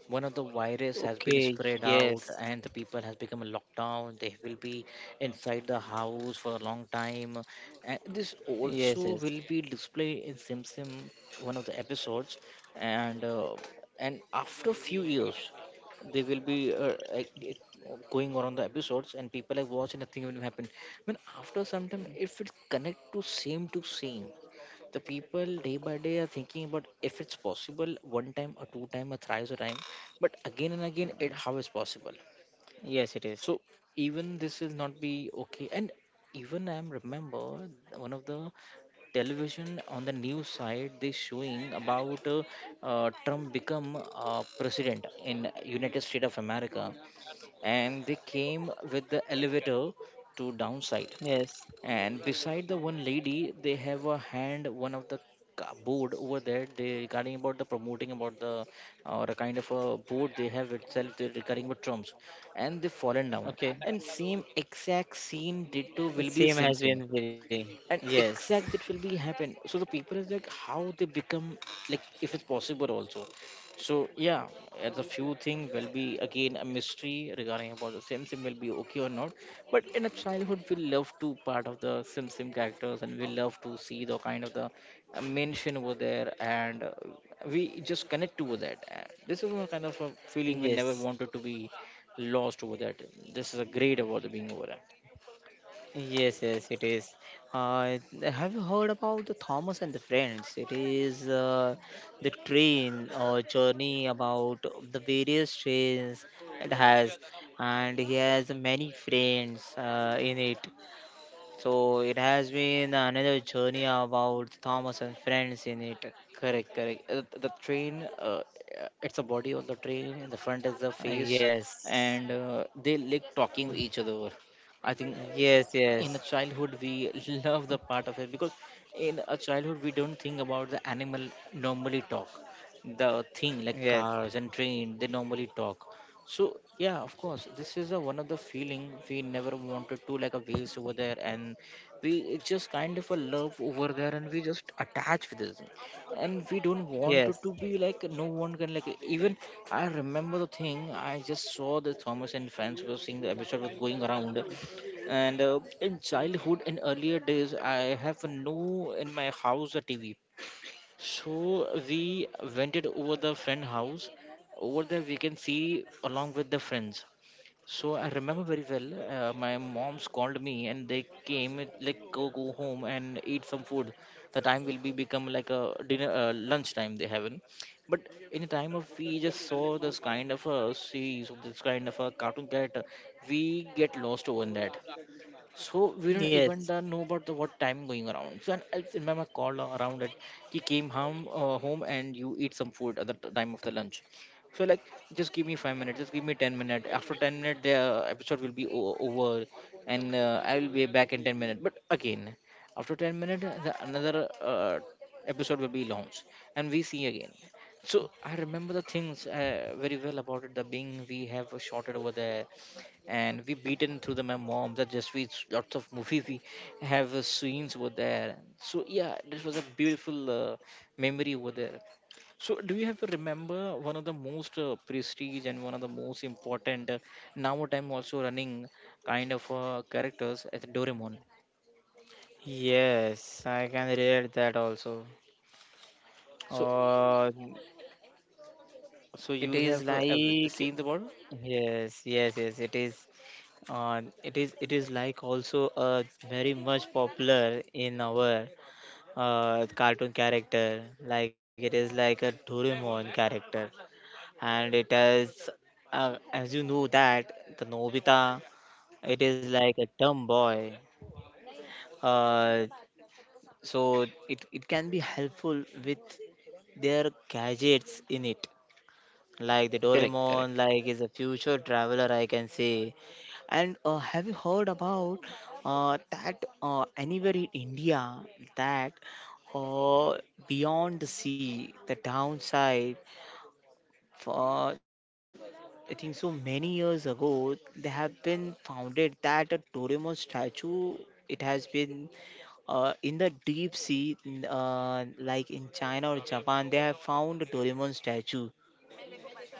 one of the virus has been
okay,
spread out
yes,
and the people has become a lockdown they will be inside the house for a long time, and this
yes,
also
yes.
will be displayed in sim one of the episodes and uh, and after few years they will be like, going on the episodes and people are watching nothing will happen. I mean, after some time it will connect to same the people day by day are thinking about if it's possible one time or two time or thrice a time, but again and again
Uh,
it how is possible.
yes, it is.
So even this will not be okay, and even I remember one of the television on the news side they showing about Trump become president in United States of America, and they came with the elevator to downside,
Yes.
and beside the one lady they have a hand one of the board over there they regarding about the promoting about the or a kind of a board they have itself they regarding about drums, and they fallen down,
Okay.
and same exact scene ditto will be
Same
same
has
same
been very.
and
Yes,
exact that will be happen. So the people is like how they become, like if it's possible also. So yeah, as a few thing will be again a mystery regarding about the sim sim will be okay or not, but in a childhood we love to part of the sim sim characters and we love to see the kind of the mention over there, and we just connect over that. This is one kind of a feeling we never
yes,
wanted to be lost over that. This is a great about the being over there.
yes, yes, it is. Have you heard about the Thomas and the Friends? It is the train or journey about the various trains it has, and he has many friends in it. So it has been another journey about Thomas and friends in it.
Correct, correct. The train, it's a body of the train, in the front is the face,
Yes,
and they like talking with each other. I think
yes,
in a
yes,
childhood we love the part of it because in a childhood we don't think about the animal normally talk the thing like
yes,
cars and train they normally talk. So yeah, of course this is a, one of the feeling we never wanted to like a waste over there, and we it's just kind of a love over there and we just attach with this, and we don't want it to
yes,
be like no one can like even I remember the thing I just saw the Thomas and Friends was seeing the episode was going around, and in childhood, in earlier days, I have no in my house a TV. So we rented over the friend house. Over there, we can see along with the friends. So I remember very well. My mom's called me and they came like go home and eat some food. The time will be become like a dinner lunch time they haven't. But in the time of we just saw this kind of a series of this kind of a cartoon character, we get lost over in that, so we don't
yes,
even know about the what time going around. So and I remember called around it. He came home, home and you eat some food at the time of the lunch. So like, just give me 5 minutes. Just give me 10 minutes. After 10 minutes, the episode will be over, and I will be back in 10 minutes. But again, after 10 minutes, the another episode will be launched, and we see again. So I remember the things very well about it. The being we have shorted over there and we beaten through the my mom that just we lots of movies we have scenes over there. So yeah, this was a beautiful memory over there. So do you have to remember one of the most prestige and one of the most important now time also running kind of characters as Doraemon?
yes, I can relate that also.
So
Uh,
so
it
you
is
have
like,
seen the world?
yes, yes, yes, it is. It is. It is like also very much popular in our cartoon character. Like it is like a Doraemon character. And it is as you know that the Nobita, it is like a dumb boy, uh, so it can be helpful with their gadgets in it, like the
Correct, correct.
Doraemon like is a future traveler, I can say. And have you heard about that anywhere in India that uh, beyond the sea, the downside, for I think so many years ago, they have been founded that a Doraemon statue? It has been in the deep sea, like in China or Japan. They have found a Doraemon statue,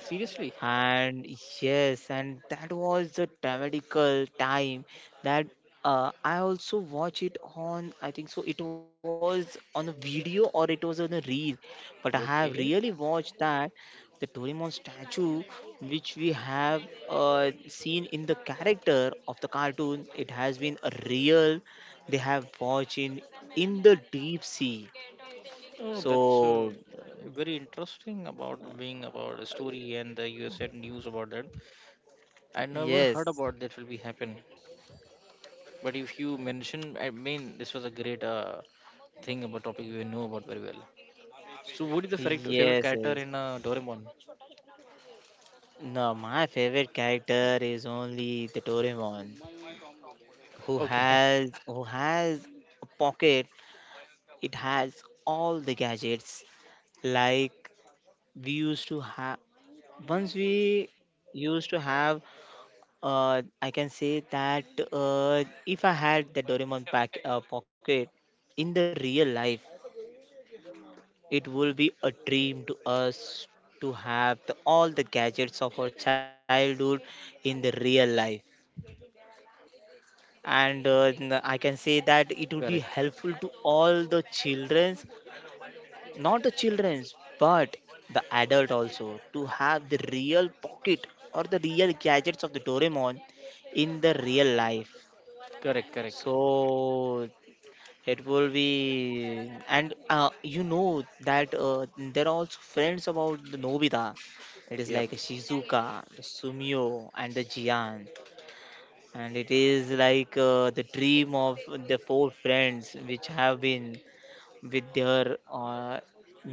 Seriously.
and yes, and that was the dramatical time, that I also watch it on, I think so it was on a video or it was on a reel, but I have
Okay.
really watched that, the Doraemon statue which we have seen in the character of the cartoon. It has been a real, they have watched in the deep sea.
Oh, that's
So
very interesting about being about a story and the USA news about that. I never heard
yes,
about that will be happen. But if you mention, I mean, this was a great thing about topic you know about very well. So, what is the favorite
yes,
character
yes.
in Doraemon?
No, my favorite character is only the Doraemon, who
Okay,
has, who has a pocket. It has all the gadgets. Like we used to have, once we used to have. I can say that if I had the Doraemon pack pocket in the real life, it would be a dream to us to have all the gadgets of our childhood in the real life and I can say that it would be
correct.
helpful to all the childrens. Not the childrens but the adult also to have the real pocket or the real gadgets of the doraemon in the real life.
Correct, correct.
So it will be and you know that there are also friends about the nobita. It is
Yep.
like shizuka the sumio and the jian, and it is like the dream of the four friends which have been with their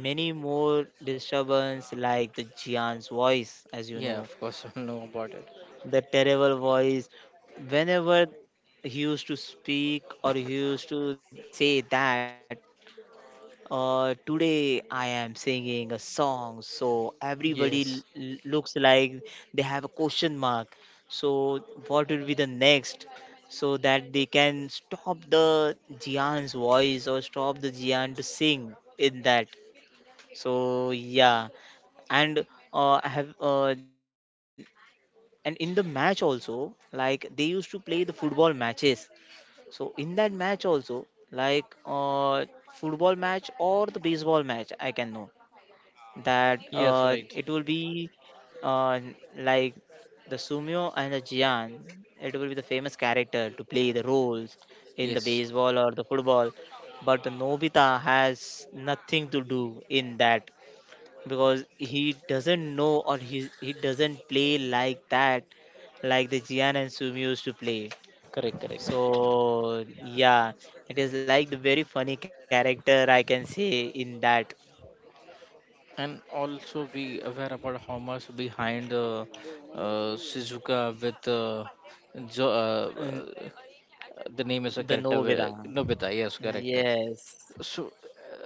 many more disturbance like the Jian's voice as you
Yeah,
know,
of course, I know about it.
the terrible voice whenever he used to speak or he used to say that today I am singing a song, so everybody
Yes.
looks like they have a question mark. So what will be the next? So that they can stop the Jian's voice or stop the Jian to sing in that. So yeah, and I have and in the match also, like they used to play the football matches, so in that match also, like football match or the baseball match, I can know that
Yes,
it
right.
will be uh, like the Sumio and the Jian. It will be the famous character to play the roles in the
Yes,
baseball or the football, but the Nobita has nothing to do in that because he doesn't know or he doesn't play like that, like the Jian and Sumio used to play.
correct, correct.
So yeah, it is like the very funny character I can say in that.
And also be aware about how much behind Shizuka with jo- uh,
um,
uh, the name is a
the
character
Novida.
Nobita. Yes, correct.
Yes,
So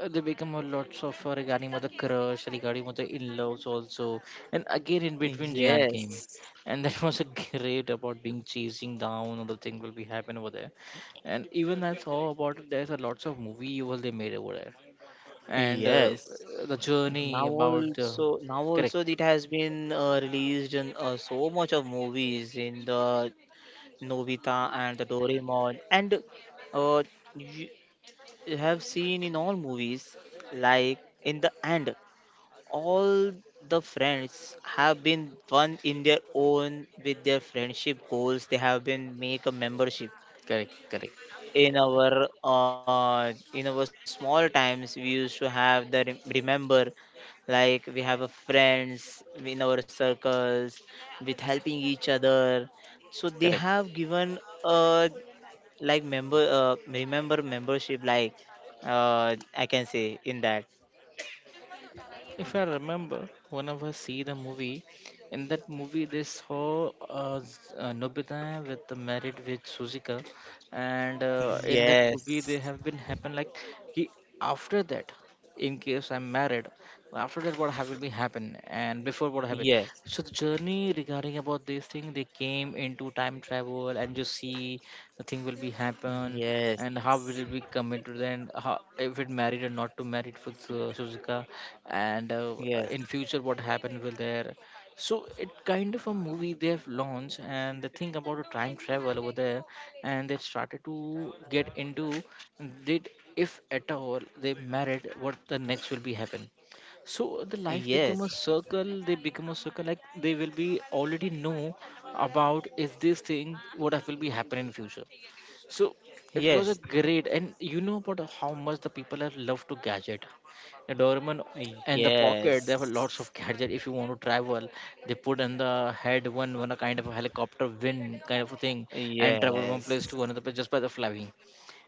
they become a lots of regarding mother crush, regarding mother in loves also, and again in between Jian came,
yes,
and that was a great about being chasing down. All the thing will be happen over there, and even I saw about it, there's a lots of movie over they made over there and
yes.
the journey about
Now
correct
also it has been released in so much of movies in the Novita and the Doraemon, and uh, you have seen in all movies like in the end. All the friends have been one in their own with their friendship goals, they have been make a membership
correct correct
in our small times we used to have the remember, like we have a friends in our circles with helping each other, so they
correct.
have given like member remember membership like I can say in that.
If I remember, one of us see the movie. In that movie, they saw Nobita with the married with Suzuka, and in that movie, they
Yes,
have been happen like he, after that. In case I'm married, after that what have will be happen and before what happen?
yes.
So the journey regarding about this thing, they came into time travel and you see the thing will be happen and how
Yes,
will it be committed and how if it married or not to married for Suzuka and in
yes,
future what happened will there. So it kind of a movie they have launched and the thing about a time travel over there, and they started to get into did if at all they married what the next will be happen. So the life become a
yes,
circle they become a circle like they will be already know about if this thing what will be happen in future. So it was a
yes,
great, and you know about how much the people have loved to gadget. The Doraemon and the pocket, they have lots of
yes,
gadget. If you want to travel, they put on the head one, one a kind of a helicopter wind kind of a thing, and travel one place to
yes,
another place just by the flying.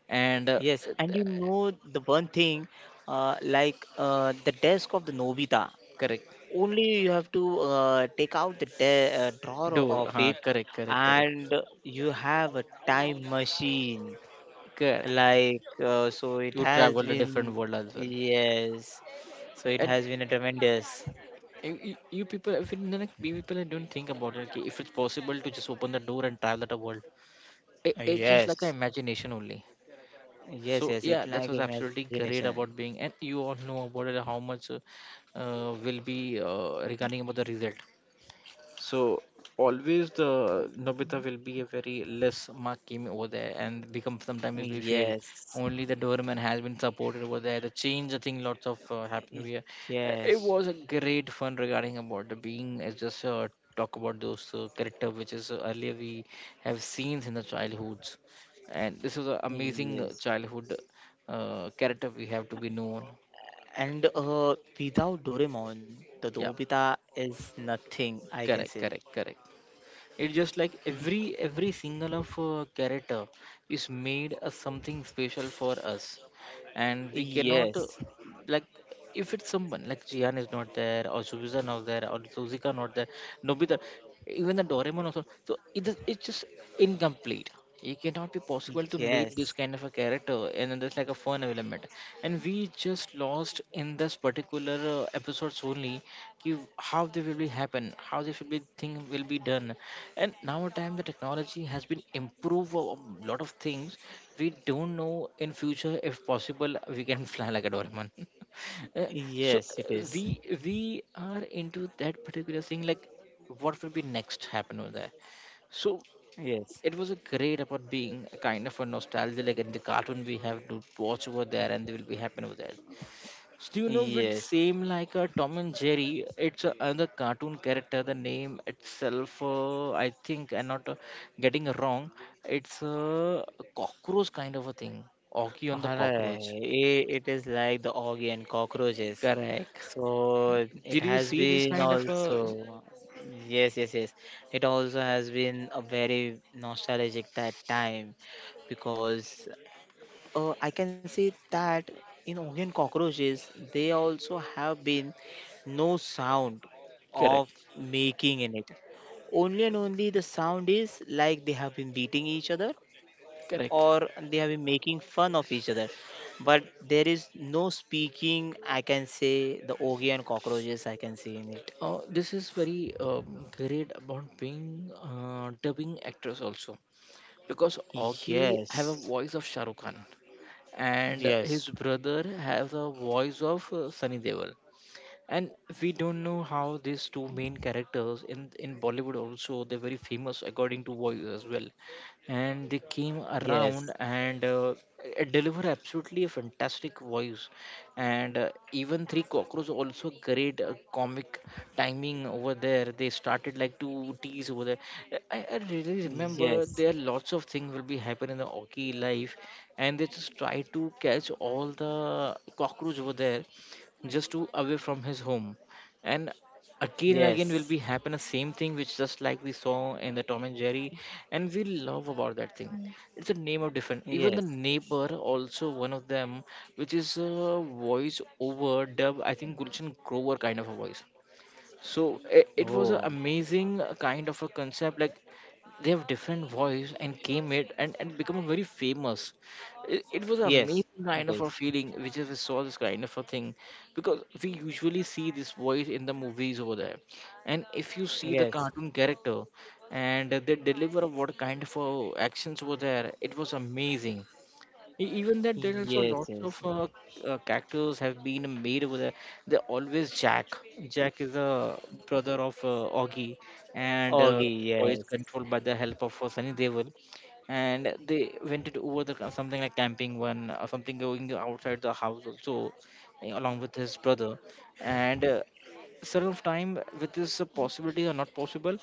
And
yes. And you know the one thing, like the desk of the Nobita.
correct
Only you have to take out the drawer
door,
of
huh?
it,
Correct, correct, correct,
and you have a time machine.
correct.
Like so, it
You
has
travel a different
been
world as well,
yes. So it
and.
has been a tremendous
You people, if you, like, we people don't think about it. Okay, if it's possible to just open the door and travel the world, it's just like an
yes.
imagination only. So
Yes, yes,
yeah,
it
that
like
was absolutely
imagination.
great about being and you all know about it how much will be regarding about the result. So always the Nobita will be a very less mark team over there and become sometimes it will fail.
Yes,
Only the Doorman has been supported over there. The change, I think, lots of happened
y-
here. It
yes,
was a great fun regarding about the being. It's just talk about those character which is earlier we have seen in the childhoods, and this is an amazing
yes.
childhood character we have to be known.
And without Doraemon, the
Yeah,
Nobita is nothing, I can
correct,
say.
correct, correct. It's just like
Be-
every single of character is made as something special for us, and we cannot
Yes,
like if it's someone like Jian is not there or Suzuka not there or Suzuka not there, Nobita, even the Doraemon also. So it is it's just incomplete. It cannot be possible to make this
yes,
kind of a character, and then there's like a fun element. And we just lost in this particular episodes only give how they will be happen how this will be thing will be done, and now time the technology has been improved a lot of things we don't know in future if possible we can fly like a Doraemon Uh, so
yes, it
uh,
is.
we we are into that particular thing like what will be next happen over there. So
Yes,
it was a great about being a kind of a nostalgia like in the cartoon we have to watch over there and they will be happen over there. Do you know it
yes.
same like a Tom and Jerry? It's a, another cartoon character. The name itself, I think, I'm not getting it wrong. It's a cockroach kind of a thing. Oki on the
Alright,
cockroach.
it is like the Augie and cockroaches.
Correct.
So it
Did you
has
see this
been
kind of a?
also, yes, yes, yes. It also has been a very nostalgic that time because, and I can say that in Augie and cockroaches, they also have been no sound of
Correct.
making in it. Only and only the sound is like they have been beating each other
Correct.
or they have been making fun of each other, but there is no speaking, I can say, the ogi and cockroaches I can see in it.
This is very great about being dubbing actress also because Augie have a
Yes,
voice of Shahrukh Khan and his
yes,
brother has a voice of Sunny Deol, and we don't know how these two main characters in Bollywood also they're very famous according to voice as well, and they came around
yes,
and deliver absolutely a fantastic voice, and even Three Cockroach also great comic timing over there. They started like to tease over there. I really remember there are
yes,
lots of things will be happening in the hockey life, and they just try to catch all the cockroach over there just to away from his home and and again will be
yes,
happen the same thing which just like we saw in the Tom and Jerry. And we love about that thing. It's a name of different, even the
yes.
neighbor also one of them, which is a voice over dub, I think Gulshan Grover kind of a voice. So it was an
Oh,
amazing kind of a concept, like they have different voice and came it, and become very famous. It was an
yes,
amazing
it
kind of a
is.
feeling, which is we saw this kind of a thing because we usually see this voice in the movies over there. And if you see the
Yes,
cartoon character, and they deliver what kind of actions over there, it was amazing. Even that, there are also
yes,
lots of
yes.
characters have been made over there. They always Jack. Jack is a brother of Augie. And
Ogi,
the boy is
yes,
controlled by the help of Sunny Devil. And they went it over the something like camping one or something, going outside the house also, along with his brother. And certain of time with this possibility or not possible,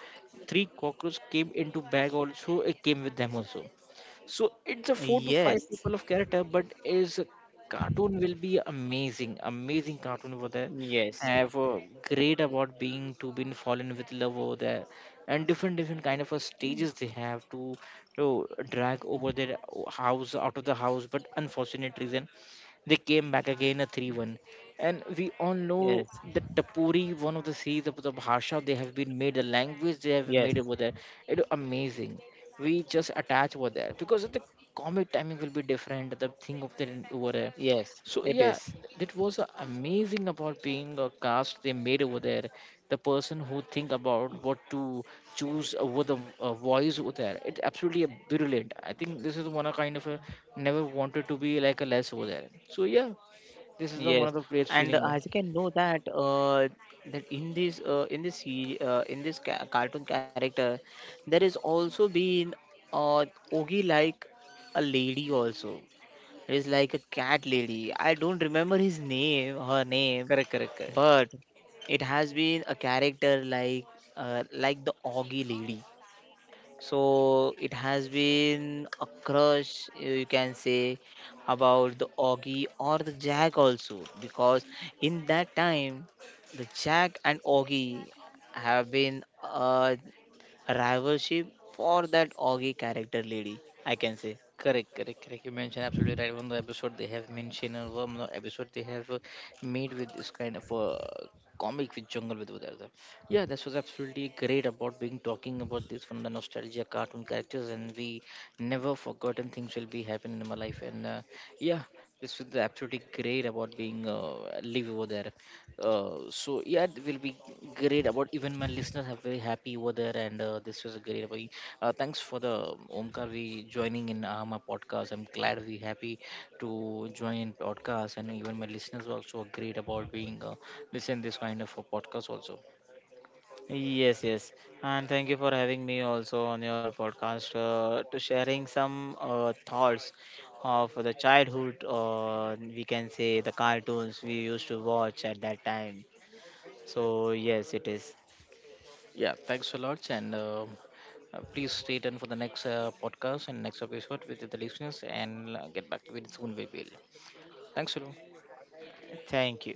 three cockroaches came into bag also, it came with them also. So it's a four to five
yes,
people of character, but is cartoon will be amazing, amazing cartoon over there.
yes,
Have a great about being to been fallen with love over there, and different different kind of a stages they have to drag over their house, out of the house. But unfortunate reason, they came back again a 3-1. And we all know
yes,
that tapuri, one of the series of the bhasha, they have been made the language they have made
yes,
over there. It amazing. We just attach over there because of the comic timing will be different, the thing of the over there.
yes,
So
it
yeah,
is.
that was amazing about being a cast they made over there. The person who think about what to choose over the voice over there, it's absolutely brilliant. I think this is one of kind of a never wanted to be like a less over there. So yeah, this is
Yes,
the one of the great
and as
feeling
you
uh,
can know that that in this in this cartoon character, there is also been uh, Ogi like a lady also. It is like a cat lady. I don't remember his name, her name,
Correct, correct, correct.
but it has been a character like the Ogi lady. So it has been a crush, you can say, about the Augie or the Jack also, because in that time, the Jack and Augie have been a rivalship for that Augie character lady, I can say.
Correct, correct, correct. You mentioned absolutely right. One of the episode they have mentioned, and one of the episode they have made with this kind of comic with jungle with Udartha. Yeah, this was absolutely great about being talking about this from the nostalgia cartoon characters, and we never forgotten things will be happening in my life. And yeah, this was absolutely great about being live over there. So yeah, it will be great about even my listeners are very happy over there, and this was a great. Thanks for the Omkar we joining in my podcast. I'm glad we happy to join in podcast, and even my listeners also great about being listen this kind of a podcast also.
Yes, yes. And thank you for having me also on your podcast to sharing some thoughts of the childhood, we can say the cartoons we used to watch at that time. So, yes, it is.
Yeah, thanks a lot, and please stay tuned for the next podcast and next episode with the listeners, and get back to it soon. We will. Thanks a lot.
Thank you.